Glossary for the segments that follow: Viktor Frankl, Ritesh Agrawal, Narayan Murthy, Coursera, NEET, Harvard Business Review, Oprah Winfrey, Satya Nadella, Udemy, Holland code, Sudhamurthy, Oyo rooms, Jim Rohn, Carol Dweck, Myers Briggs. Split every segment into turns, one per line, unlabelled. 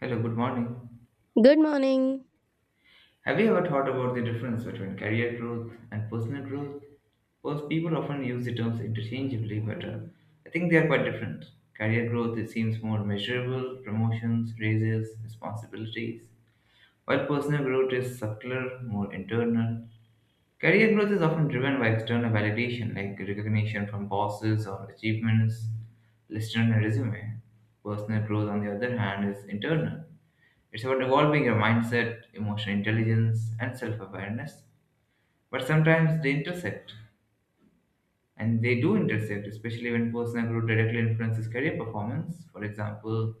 Hello, good morning.
Good morning.
Have you ever thought about the difference between career growth and personal growth? Both people often use the terms interchangeably, but I think they are quite different. Career growth it seems more measurable, promotions, raises, responsibilities, while personal growth is subtler, more internal. Career growth is often driven by external validation like recognition from bosses or achievements listed on a resume. Personal growth, on the other hand, is internal. It's about evolving your mindset, emotional intelligence, and self awareness. But sometimes they intersect, and they do intersect, especially when personal growth directly influences career performance. For example,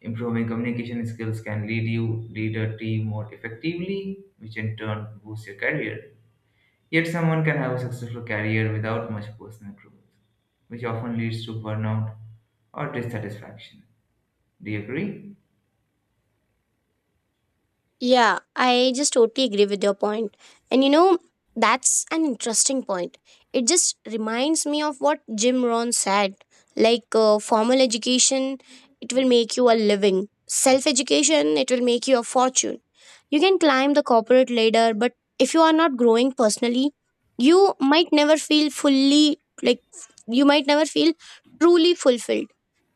improving communication skills can lead you lead a team more effectively, which in turn boosts your career. Yet, someone can have a successful career without much personal growth, which often leads to burnout or dissatisfaction. Do you agree?
Yeah, I just totally agree with your point. And you know, that's an interesting point. It just reminds me of what Jim Rohn said like, formal education, it will make you a living, self education, it will make you a fortune. You can climb the corporate ladder, but if you are not growing personally, you might never feel fully, like, you might never feel truly fulfilled.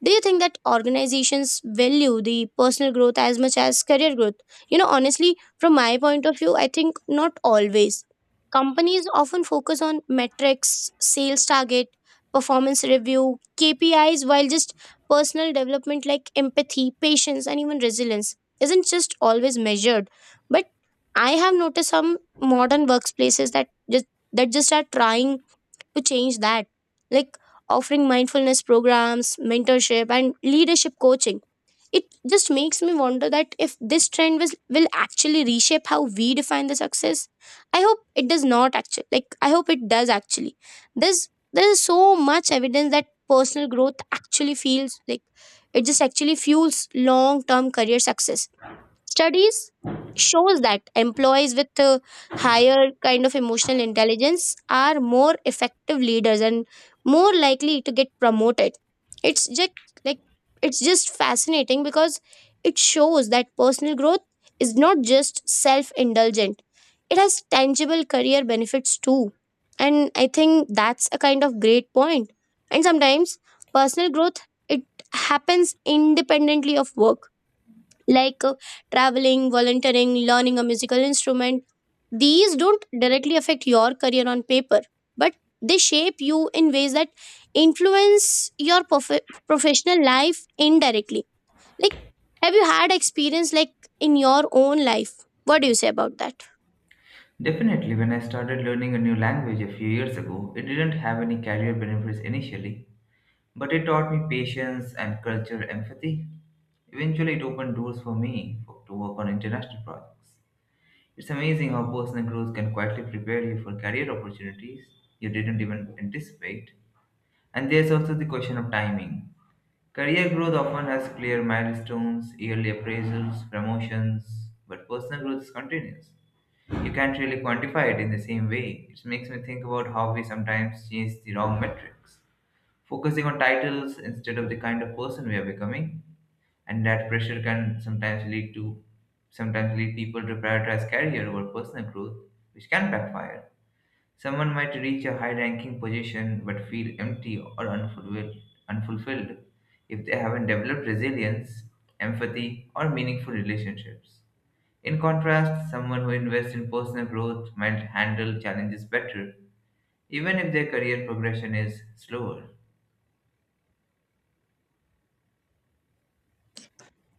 Do you think that organizations value the personal growth as much as career growth? You know, honestly, from my point of view, I think not always. Companies often focus on metrics, sales target, performance review, KPIs, while just personal development like empathy, patience, and even resilience isn't just always measured. But I have noticed some modern workplaces that just are trying to change that, like offering mindfulness programs, mentorship, and leadership coaching, it just makes me wonder that if this trend was, will actually reshape how we define the success. I hope it does not actually, like, I hope it does actually. There's so much evidence that personal growth actually feels like it just actually fuels long term career success. Studies shows that employees with a higher kind of emotional intelligence are more effective leaders and more likely to get promoted. It's just like it's just fascinating because it shows that personal growth is not just self-indulgent. It has tangible career benefits too. And I think that's a kind of great point. And sometimes personal growth it happens independently of work like traveling, volunteering, learning a musical instrument. These don't directly affect your career on paper, but they shape you in ways that influence your professional life indirectly. Like, have you had experience like in your own life? What do you say about that?
Definitely, when I started learning a new language a few years ago, it didn't have any career benefits initially, but it taught me patience and cultural empathy. Eventually, it opened doors for me for, to work on international projects. It's amazing how personal growth can quietly prepare you for career opportunities you didn't even anticipate. And there's also the question of timing. Career growth often has clear milestones, yearly appraisals, promotions, but personal growth is continuous. You can't really quantify it in the same way. It makes me think about how we sometimes chase the wrong metrics, focusing on titles instead of the kind of person we are becoming. And that pressure can sometimes lead to sometimes lead people to prioritize career over personal growth, which can backfire. Someone might reach a high-ranking position but feel empty or unfulfilled, unfulfilled if they haven't developed resilience, empathy, or meaningful relationships. In contrast, someone who invests in personal growth might handle challenges better, even if their career progression is slower.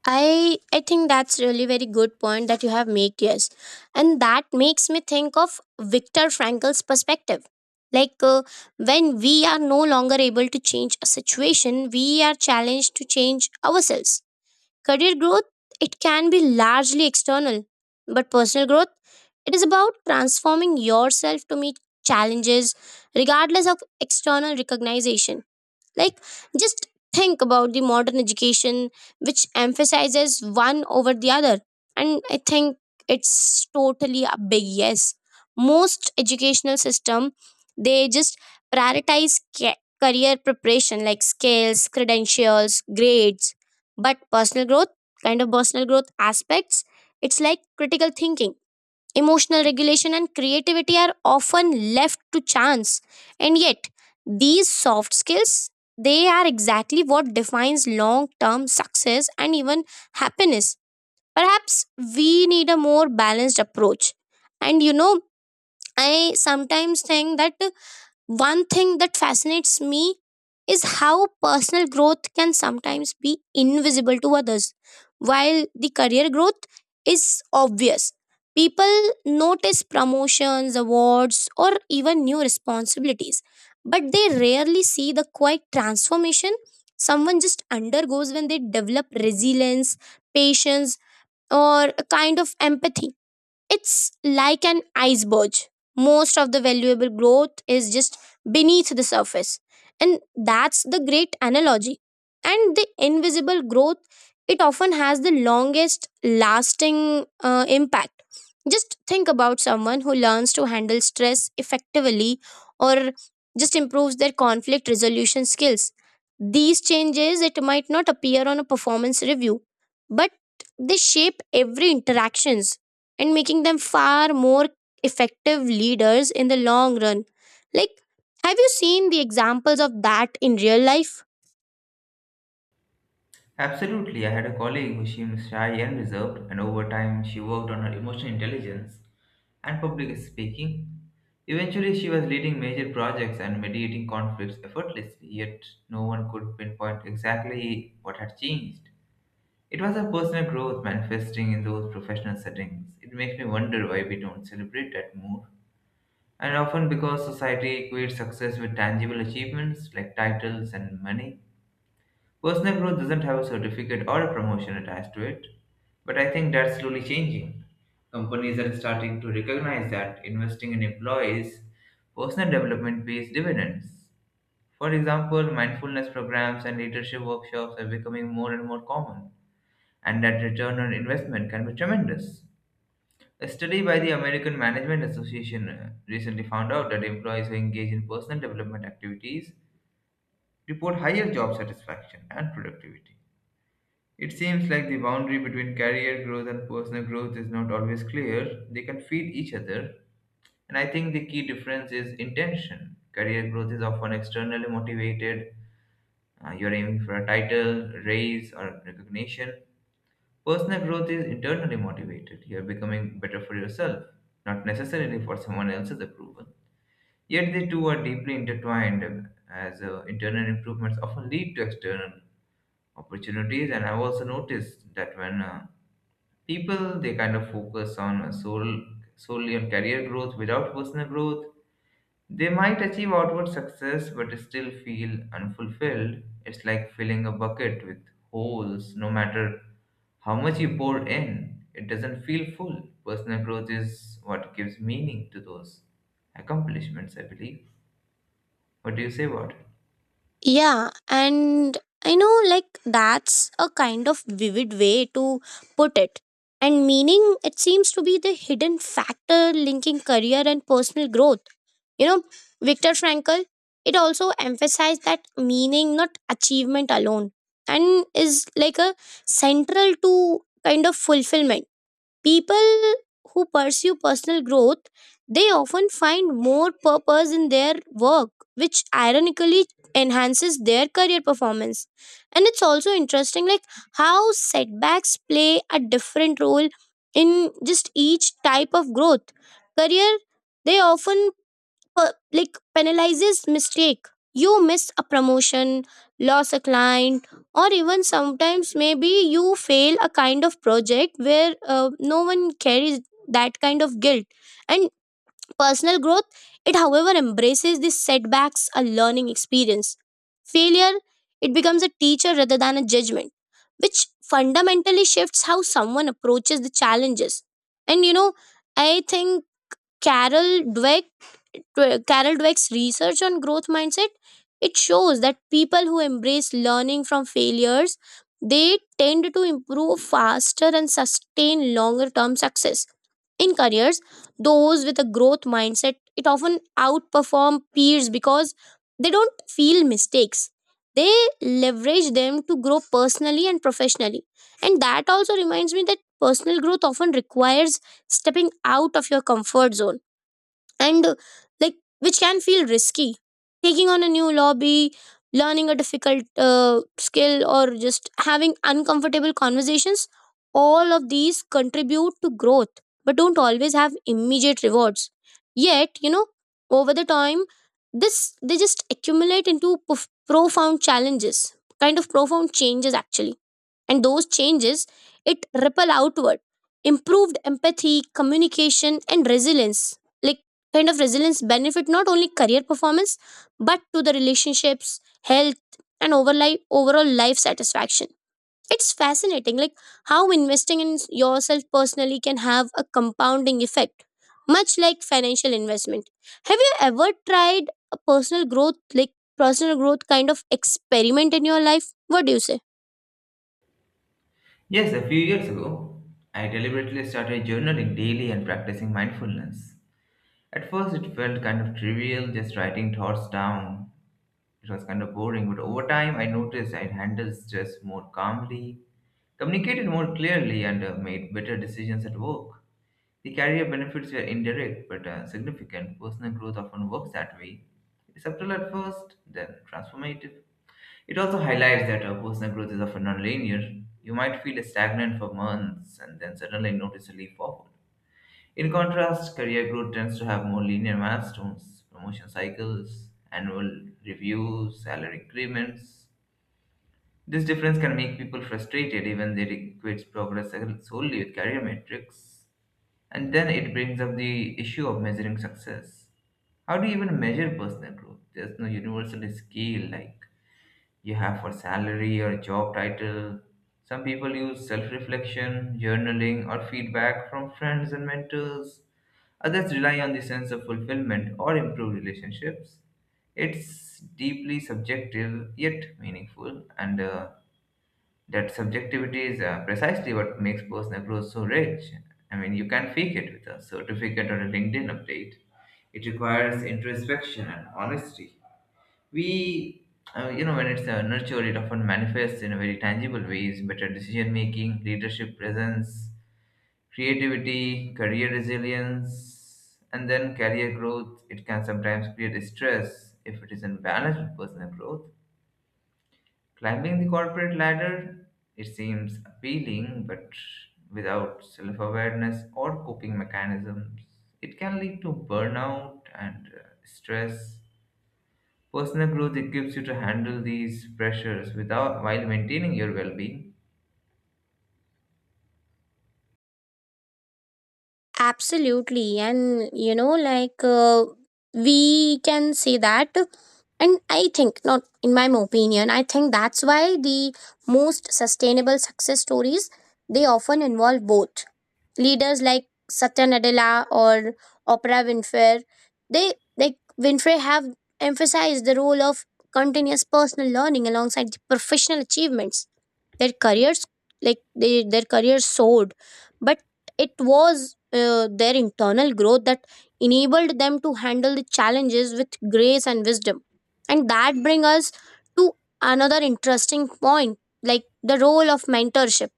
I think that's really very good point that you have made, yes. And that makes me think of Viktor Frankl's perspective like, when we are no longer able to change a situation we are challenged to change ourselves. Career growth it can be largely external, but personal growth it is about transforming yourself to meet challenges regardless of external recognition. Like, just think about the modern education, which emphasizes one over the other. And I think it's totally a big yes. Most educational system, they just prioritize career preparation like skills, credentials, grades, but personal growth, kind of personal growth aspects, it's like critical thinking. Emotional regulation and creativity are often left to chance. And yet, these soft skills they are exactly what defines long-term success and even happiness. Perhaps we need a more balanced approach. And you know, I sometimes think that one thing that fascinates me is how personal growth can sometimes be invisible to others. While the career growth is obvious, people notice promotions, awards, or even new responsibilities, but they rarely see the quiet transformation someone just undergoes when they develop resilience, patience, or a kind of empathy. It's like an iceberg. Most of the valuable growth is just beneath the surface. And that's the great analogy. And the invisible growth, it often has the longest lasting impact. Just think about someone who learns to handle stress effectively or just improves their conflict resolution skills. These changes, it might not appear on a performance review, but they shape every interactions and making them far more effective leaders in the long run. Like, have you seen the examples of that in real life?
Absolutely, I had a colleague who seemed shy and reserved, and over time, she worked on her emotional intelligence and public speaking. Eventually, she was leading major projects and mediating conflicts effortlessly, yet, no one could pinpoint exactly what had changed. It was her personal growth manifesting in those professional settings. It makes me wonder why we don't celebrate that more. And often because society equates success with tangible achievements like titles and money, personal growth doesn't have a certificate or a promotion attached to it. But I think that's slowly changing. Companies are starting to recognize that investing in employees' personal development pays dividends. For example, mindfulness programs and leadership workshops are becoming more and more common, and that return on investment can be tremendous. A study by the American Management Association recently found out that employees who engage in personal development activities report higher job satisfaction and productivity. It seems like the boundary between career growth and personal growth is not always clear. They can feed each other, and I think the key difference is intention. Career growth is often externally motivated, you're aiming for a title, raise, or recognition. Personal growth is internally motivated. You're becoming better for yourself, not necessarily for someone else's approval. Yet the two are deeply intertwined, as internal improvements often lead to external opportunities. And I've also noticed that when people they kind of focus on solely on career growth without personal growth, they might achieve outward success but still feel unfulfilled. It's like filling a bucket with holes, no matter how much you pour in, it doesn't feel full. Personal growth is what gives meaning to those accomplishments, I believe. What do you say about it?
Yeah, and I know like that's a kind of vivid way to put it. And meaning, it seems to be the hidden factor linking career and personal growth. You know, Viktor Frankl, it also emphasized that meaning, not achievement alone, and is like a central to kind of fulfillment. People who pursue personal growth, they often find more purpose in their work, which ironically enhances their career performance. And it's also interesting like how setbacks play a different role in just each type of growth. Career they often, uh, like penalizes mistake, you miss a promotion, loss a client, or even sometimes maybe you fail a kind of project where no one carries that kind of guilt. And personal growth it however embraces these setbacks a learning experience. Failure it becomes a teacher rather than a judgment, which fundamentally shifts how someone approaches the challenges. And you know, I think carol dweck Carol Dweck's research on growth mindset, it shows that people who embrace learning from failures, they tend to improve faster and sustain longer term success. In careers, those with a growth mindset, it often outperform peers because they don't feel mistakes. They leverage them to grow personally and professionally. And that also reminds me that personal growth often requires stepping out of your comfort zone and like which can feel risky, taking on a new lobby, learning a difficult skill, or just having uncomfortable conversations. All of these contribute to growth but don't always have immediate rewards. Yet you know, over the time this they just accumulate into profound challenges, kind of profound changes actually. And those changes it ripple outward, improved empathy, communication and resilience, like kind of resilience benefit not only career performance but to the relationships, health, and overli overall life satisfaction. It's fascinating like how investing in yourself personally can have a compounding effect, much like financial investment. Have you ever tried a personal growth like personal growth kind of experiment in your life? What do you say?
Yes, a few years ago, I deliberately started journaling daily and practicing mindfulness. At first, it felt kind of trivial, just writing thoughts down. It was kind of boring, but over time I noticed I handled stress more calmly, communicated more clearly, and made better decisions at work. The career benefits were indirect but significant. Personal growth often works that way. Subtle at first, then transformative. It also highlights that personal growth is often nonlinear. You might feel stagnant for months and then suddenly notice a leap forward. In contrast, career growth tends to have more linear milestones, promotion cycles, annual reviews, salary increments. This difference can make people frustrated even they equate progress solely with career metrics. And then it brings up the issue of measuring success. How do you even measure personal growth? There's no universal scale like you have for salary or job title. Some people use self reflection, journaling, or feedback from friends and mentors. Others rely on the sense of fulfillment or improved relationships. It's deeply subjective yet meaningful, and that subjectivity is precisely what makes personal growth so rich. I mean, you can fake it with a certificate or a LinkedIn update. It requires introspection and honesty. We, when it's nurtured, it often manifests in very tangible ways, better decision making, leadership presence, creativity, career resilience, and then career growth. It can sometimes create stress if it isn't balanced with personal growth. Climbing the corporate ladder, it seems appealing, but without self awareness or coping mechanisms, it can lead to burnout and stress. Personal growth equips you to handle these pressures without while maintaining your well being.
Absolutely. And, you know, like we can say that. And I think, not in my opinion, I think that's why the most sustainable success stories they often involve both leaders like Satya Nadella or Oprah Winfrey, they like Winfrey have emphasized the role of continuous personal learning alongside the professional achievements. Their careers, like they, their careers soared, but it was their internal growth that enabled them to handle the challenges with grace and wisdom. And that brings us to another interesting point, like the role of mentorship.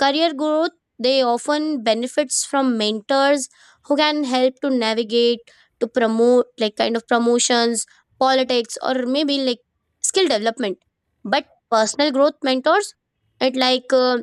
Career growth, they often benefits from mentors who can help to navigate, to promote like kind of promotions, politics, or maybe like skill development. But personal growth mentors, it like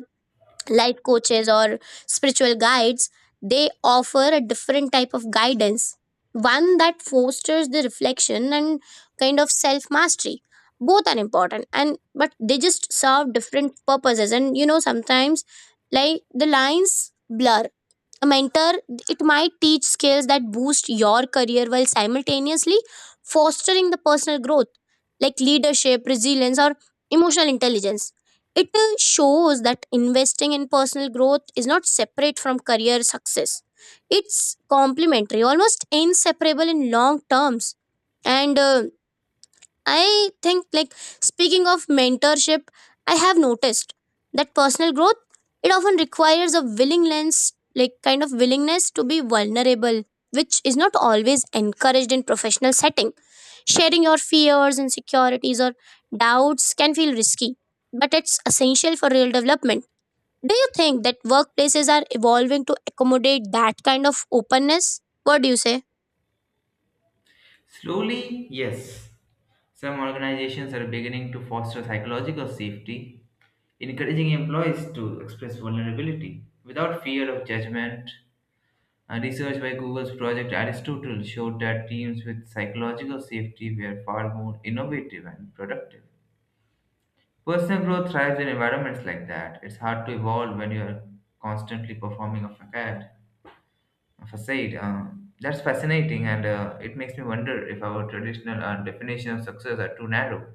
life coaches or spiritual guides, they offer a different type of guidance, one that fosters the reflection and kind of self mastery. Both are important and but they just serve different purposes. And you know sometimes like the lines blur. A mentor, it might teach skills that boost your career while simultaneously fostering the personal growth, like leadership, resilience, or emotional intelligence. It shows that investing in personal growth is not separate from career success. It's complementary, almost inseparable in long terms. And I think like speaking of mentorship, I have noticed that personal growth it often requires a willingness like kind of willingness to be vulnerable, which is not always encouraged in professional setting. Sharing your fears, insecurities or doubts can feel risky, but it's essential for real development. Do you think that workplaces are evolving to accommodate that kind of openness? What do you say?
Slowly, yes. Some organizations are beginning to foster psychological safety, encouraging employees to express vulnerability without fear of judgment. A research by Google's Project Aristotle showed that teams with psychological safety were far more innovative and productive. Personal growth thrives in environments like that. It's hard to evolve when you're constantly performing a facade. That's fascinating, and it makes me wonder if our traditional definition of success are too narrow.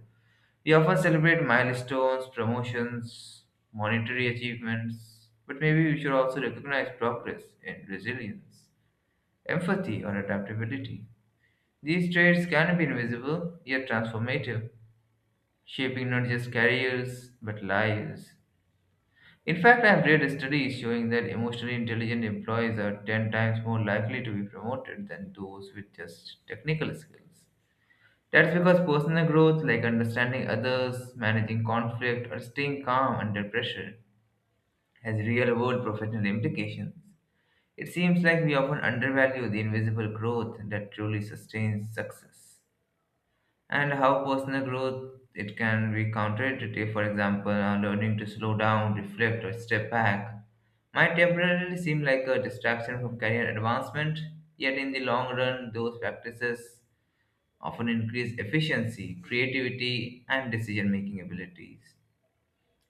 We often celebrate milestones, promotions, monetary achievements, but maybe we should also recognize progress in resilience, empathy, or adaptability. These traits can be invisible yet transformative, shaping not just careers but lives. In fact, I have read a study showing that emotionally intelligent employees are 10 times more likely to be promoted than those with just technical skills. That's because personal growth, like understanding others, managing conflict, or staying calm under pressure, has real world professional implications. It seems like we often undervalue the invisible growth that truly sustains success and how personal growth it can be counterintuitive. For example, learning to slow down, reflect, or step back might temporarily seem like a distraction from career advancement, yet in the long run, those practices often increase efficiency, creativity, and decision making abilities.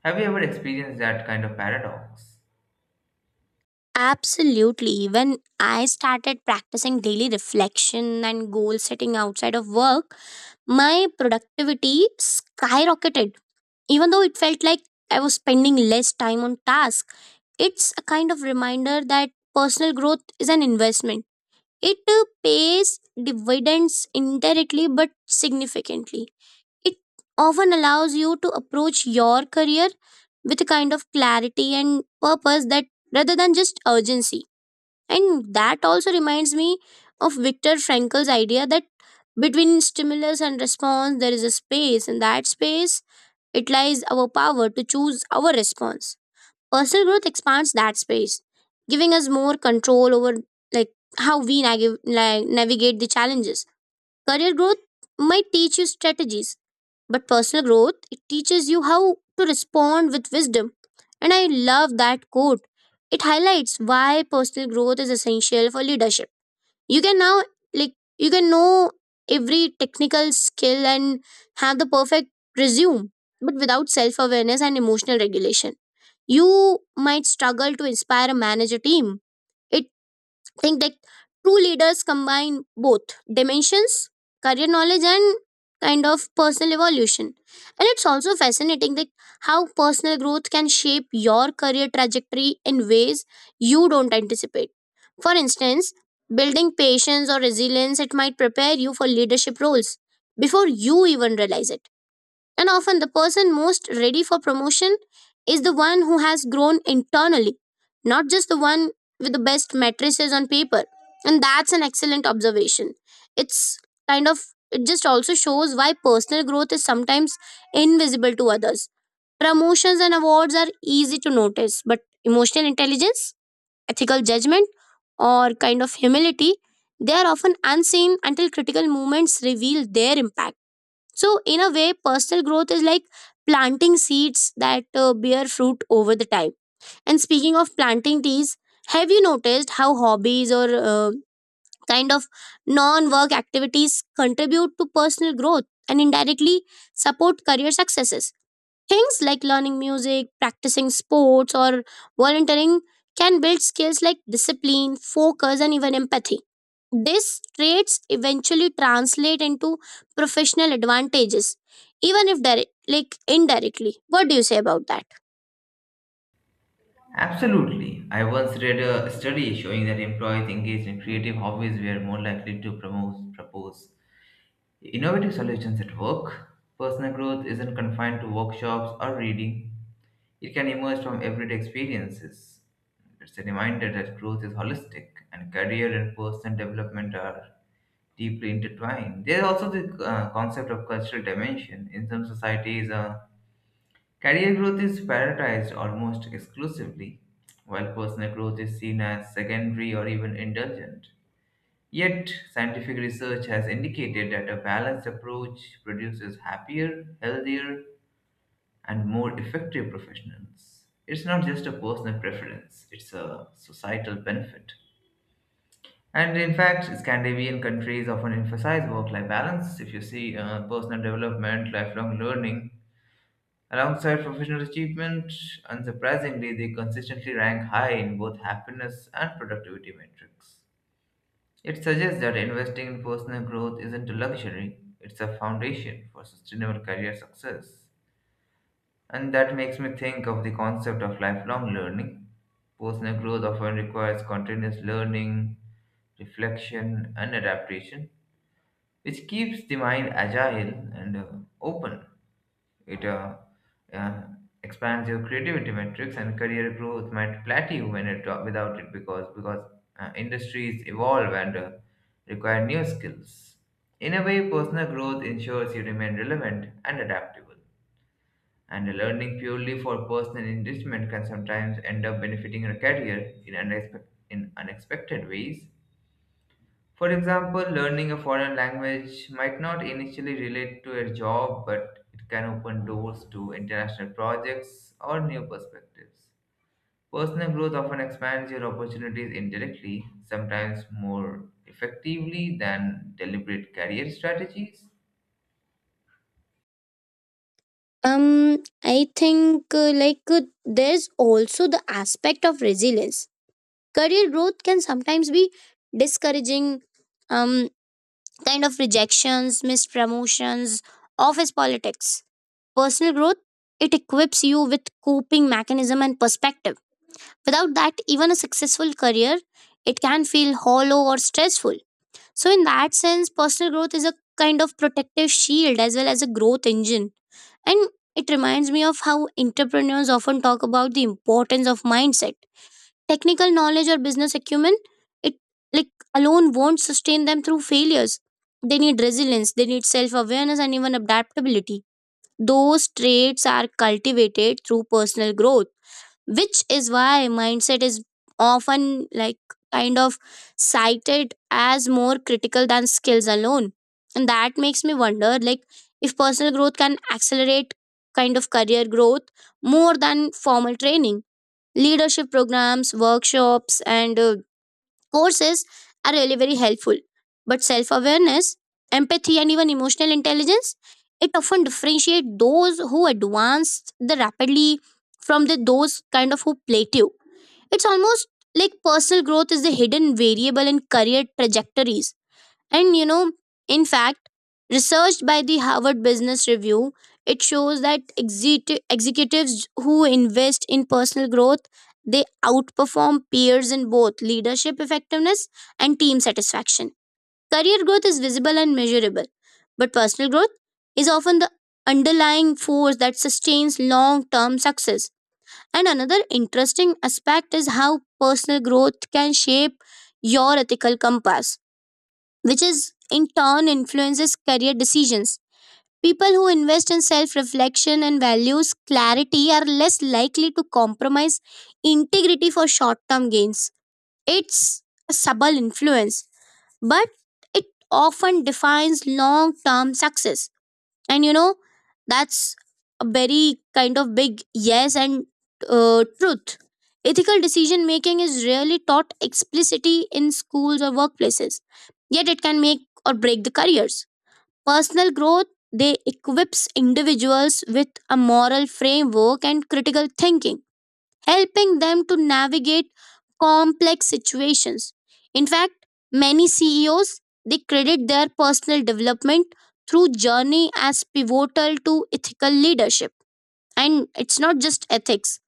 Have you ever experienced that kind of paradox?
Absolutely. When I started practicing daily reflection and goal setting outside of work, my productivity skyrocketed. Even though it felt like I was spending less time on tasks, it's a kind of reminder that personal growth is an investment. It pays dividends indirectly but significantly. It often allows you to approach your career with a kind of clarity and purpose that, rather than just urgency. And that also reminds me of Viktor Frankl's idea that between stimulus and response, there is a space. In that space, it lies our power to choose our response. Personal growth expands that space, giving us more control over like how we like, navigate the challenges. Career growth might teach you strategies, but personal growth it teaches you how to respond with wisdom. And I love that quote. It highlights why personal growth is essential for leadership. You can now like you can know every technical skill and have the perfect resume, but without self-awareness and emotional regulation, you might struggle to inspire a manager team. Think that true leaders combine both dimensions, career knowledge and kind of personal evolution. And it's also fascinating that how personal growth can shape your career trajectory in ways you don't anticipate. For instance, building patience or resilience it might prepare you for leadership roles before you even realize it. And often, the person most ready for promotion is the one who has grown internally, not just the one with the best matrices on paper. And that's an excellent observation. It's kind of, it just also shows why personal growth is sometimes invisible to others. Promotions and awards are easy to notice, but emotional intelligence, ethical judgment, or kind of humility, they are often unseen until critical moments reveal their impact. So, in a way, personal growth is like planting seeds that bear fruit over the time. And speaking of planting trees, have you noticed how hobbies or kind of non work activities contribute to personal growth and indirectly support career successes? Things like learning music, practicing sports, or volunteering can build skills like discipline, focus, and even empathy. These traits eventually translate into professional advantages, even if direct, like indirectly. What do you say about that?
Absolutely. I once read a study showing that employees engaged in creative hobbies were more likely to promote, propose innovative solutions at work. Personal growth isn't confined to workshops or reading, it can emerge from everyday experiences. It's a reminder that growth is holistic and career and personal development are deeply intertwined. There's also the concept of cultural dimension. In some societies, career growth is prioritized almost exclusively, while personal growth is seen as secondary or even indulgent. Yet, scientific research has indicated that a balanced approach produces happier, healthier, and more effective professionals. It's not just a personal preference, it's a societal benefit. And in fact, Scandinavian countries often emphasize work life balance. If you see personal development, lifelong learning, alongside professional achievement, unsurprisingly, they consistently rank high in both happiness and productivity metrics. It suggests that investing in personal growth isn't a luxury, it's a foundation for sustainable career success. And that makes me think of the concept of lifelong learning. Personal growth often requires continuous learning, reflection, and adaptation, which keeps the mind agile and open. It uh, expands your creativity metrics and career growth might plateau when it without it because industries evolve and require new skills. In a way, personal growth ensures you remain relevant and adaptable. And learning purely for personal enrichment can sometimes end up benefiting your career in, in unexpected ways. For example, learning a foreign language might not initially relate to a job, but it can open doors to international projects or new perspectives. Personal growth often expands your opportunities indirectly, sometimes more effectively than deliberate career strategies.
I think there's also the aspect of resilience. Career growth can sometimes be discouraging, um, kind of rejections, missed promotions, office politics. Personal growth, it equips you with coping mechanism and perspective. Without that, even a successful career, it can feel hollow or stressful. So in that sense, personal growth is a kind of protective shield as well as a growth engine. And it reminds me of how entrepreneurs often talk about the importance of mindset. Technical knowledge or business acumen, it like alone won't sustain them through failures. They need resilience, they need self awareness, and even adaptability. Those traits are cultivated through personal growth, which is why mindset is often like kind of cited as more critical than skills alone. And that makes me wonder like if personal growth can accelerate kind of career growth more than formal training. Leadership programs, workshops, and courses are really very helpful, but self awareness, empathy, and even emotional intelligence it often differentiate those who advance the rapidly from the those kind of who plateau. It's almost like personal growth is the hidden variable in career trajectories, and you know, in fact, researched by the Harvard Business Review, it shows that executives who invest in personal growth, they outperform peers in both leadership effectiveness and team satisfaction. Career growth is visible and measurable, but personal growth is often the underlying force that sustains long-term success. And another interesting aspect is how personal growth can shape your ethical compass, which is in turn influences career decisions. People who invest in self reflection and values clarity are less likely to compromise integrity for short term gains. It's a subtle influence, but it often defines long term success. And you know, that's a very kind of big yes, and truth. Ethical decision making is rarely taught explicitly in schools or workplaces, yet it can make or break the careers. Personal growth, they equips individuals with a moral framework and critical thinking, helping them to navigate complex situations. In fact, many CEOs, they credit their personal development through journey as pivotal to ethical leadership. And it's not just ethics.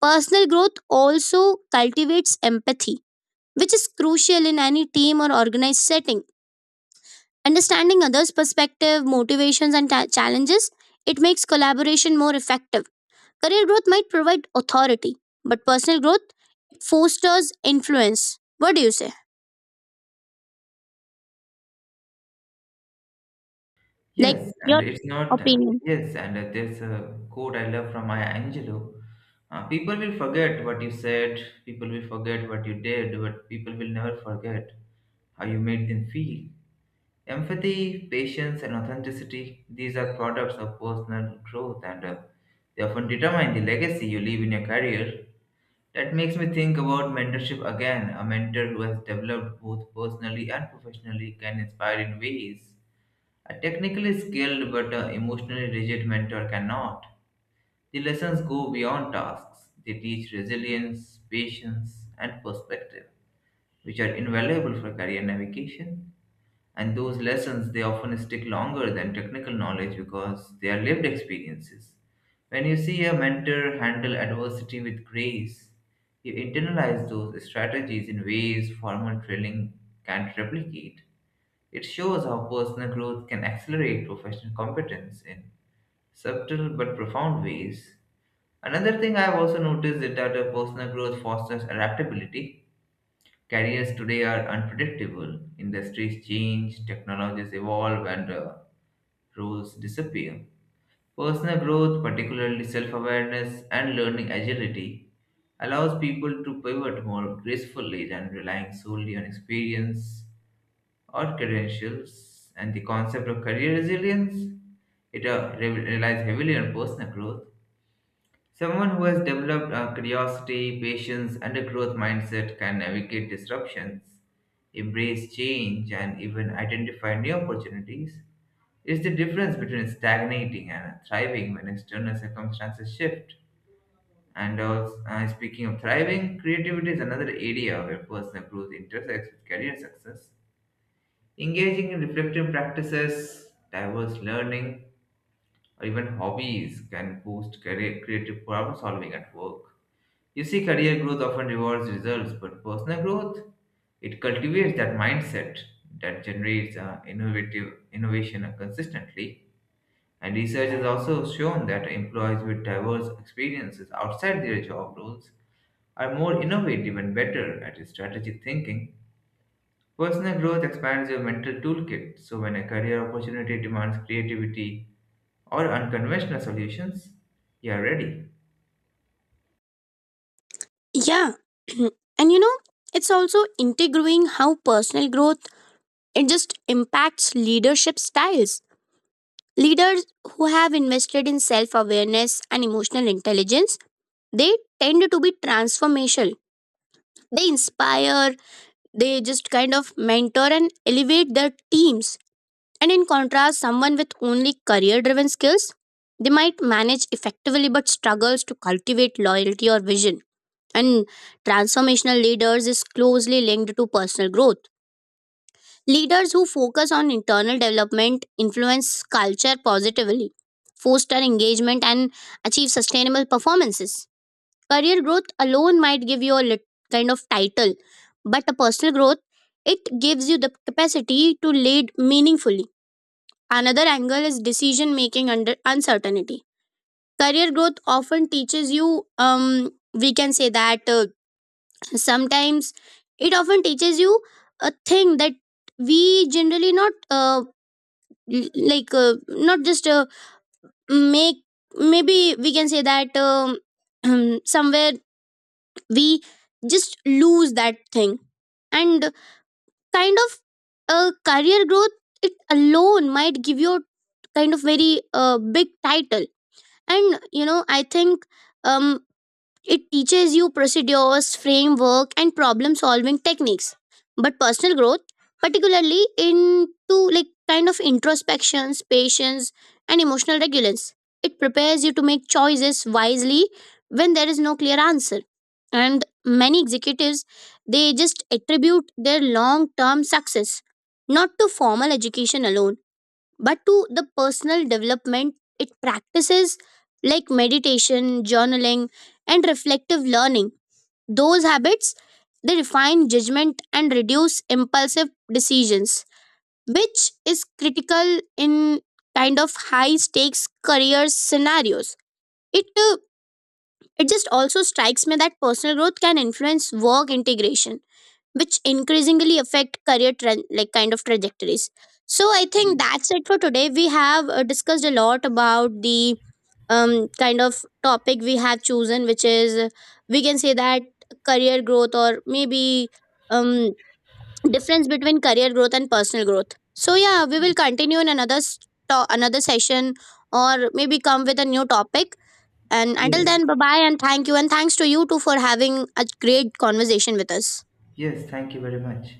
Personal growth also cultivates empathy, which is crucial in any team or organized setting. Understanding others' perspective, motivations, and challenges, it makes collaboration more effective. Career growth might provide authority, but personal growth fosters influence. What do you say? Like
Yes, and
your
it's not,
opinion.
Yes, and there's a quote I love from Maya Angelou. People will forget what you said, people will forget what you did, but people will never forget how you made them feel. Empathy, patience, and authenticity, these are products of personal growth, and they often determine the legacy you leave in your career. That makes me think about mentorship again. A mentor who has developed both personally and professionally can inspire in ways a technically skilled but emotionally rigid mentor cannot. The lessons go beyond tasks. They teach resilience, patience, and perspective, which are invaluable for career navigation. And those lessons they often stick longer than technical knowledge because they are lived experiences. When you see a mentor handle adversity with grace, you internalize those strategies in ways formal training can't replicate. It shows how personal growth can accelerate professional competence in subtle but profound ways. Another thing I've also noticed is that a personal growth fosters adaptability. Careers today are unpredictable, industries change, technologies evolve, and roles disappear. Personal growth, particularly self awareness and learning agility, allows people to pivot more gracefully than relying solely on experience or credentials and the concept of career resilience. It relies heavily on personal growth. Someone who has developed a curiosity, patience, and a growth mindset can navigate disruptions, embrace change, and even identify new opportunities. It's the difference between stagnating and thriving when external circumstances shift. And also, speaking of thriving, creativity is another area where personal growth intersects with career success. Engaging in reflective practices, diverse learning, or even hobbies can boost career, creative problem solving at work. You see, career growth often rewards results, but personal growth it cultivates that mindset that generates innovative innovation consistently. And research has also shown that employees with diverse experiences outside their job roles are more innovative and better at strategic thinking. Personal growth expands your mental toolkit, so when a career opportunity demands creativity or unconventional solutions, you are ready.
Yeah. And you know, it's also integrating how personal growth it just impacts leadership styles. Leaders who have invested in self-awareness and emotional intelligence, they tend to be transformational. They inspire, they just kind of mentor and elevate their teams. And in contrast, someone with only career driven skills, they might manage effectively but struggles to cultivate loyalty or vision. And transformational leaders is closely linked to personal growth. Leaders who focus on internal development influence culture positively, foster engagement, and achieve sustainable performances. Career growth alone might give you a kind of title, but a personal growth it gives you the capacity to lead meaningfully. Another angle is decision making under uncertainty. Career growth often teaches you, we can say that sometimes it often teaches you a thing that we generally not not just make, maybe we can say that somewhere we just lose that thing. And kind of a career growth it alone might give you a kind of very big title. And you know, I think um, it teaches you procedures framework and problem solving techniques, but personal growth, particularly into like kind of introspections, patience, and emotional regulance, it prepares you to make choices wisely when there is no clear answer. And many executives, they just attribute their long term success not to formal education alone, but to the personal development it practices like meditation, journaling, and reflective learning. Those habits, they refine judgment and reduce impulsive decisions, which is critical in kind of high stakes career scenarios. it uh, it just also strikes me that personal growth can influence work integration, which increasingly affect career like kind of trajectories. So I think that's it for today. We have discussed a lot about the um, kind of topic we have chosen, which is we can say that career growth, or maybe um, difference between career growth and personal growth. So yeah, we will continue in another another session, or maybe come with a new topic. And until
Yes,
then, bye bye, and thank you, and thanks to you too for having a great conversation with us.
yes, thank you very much.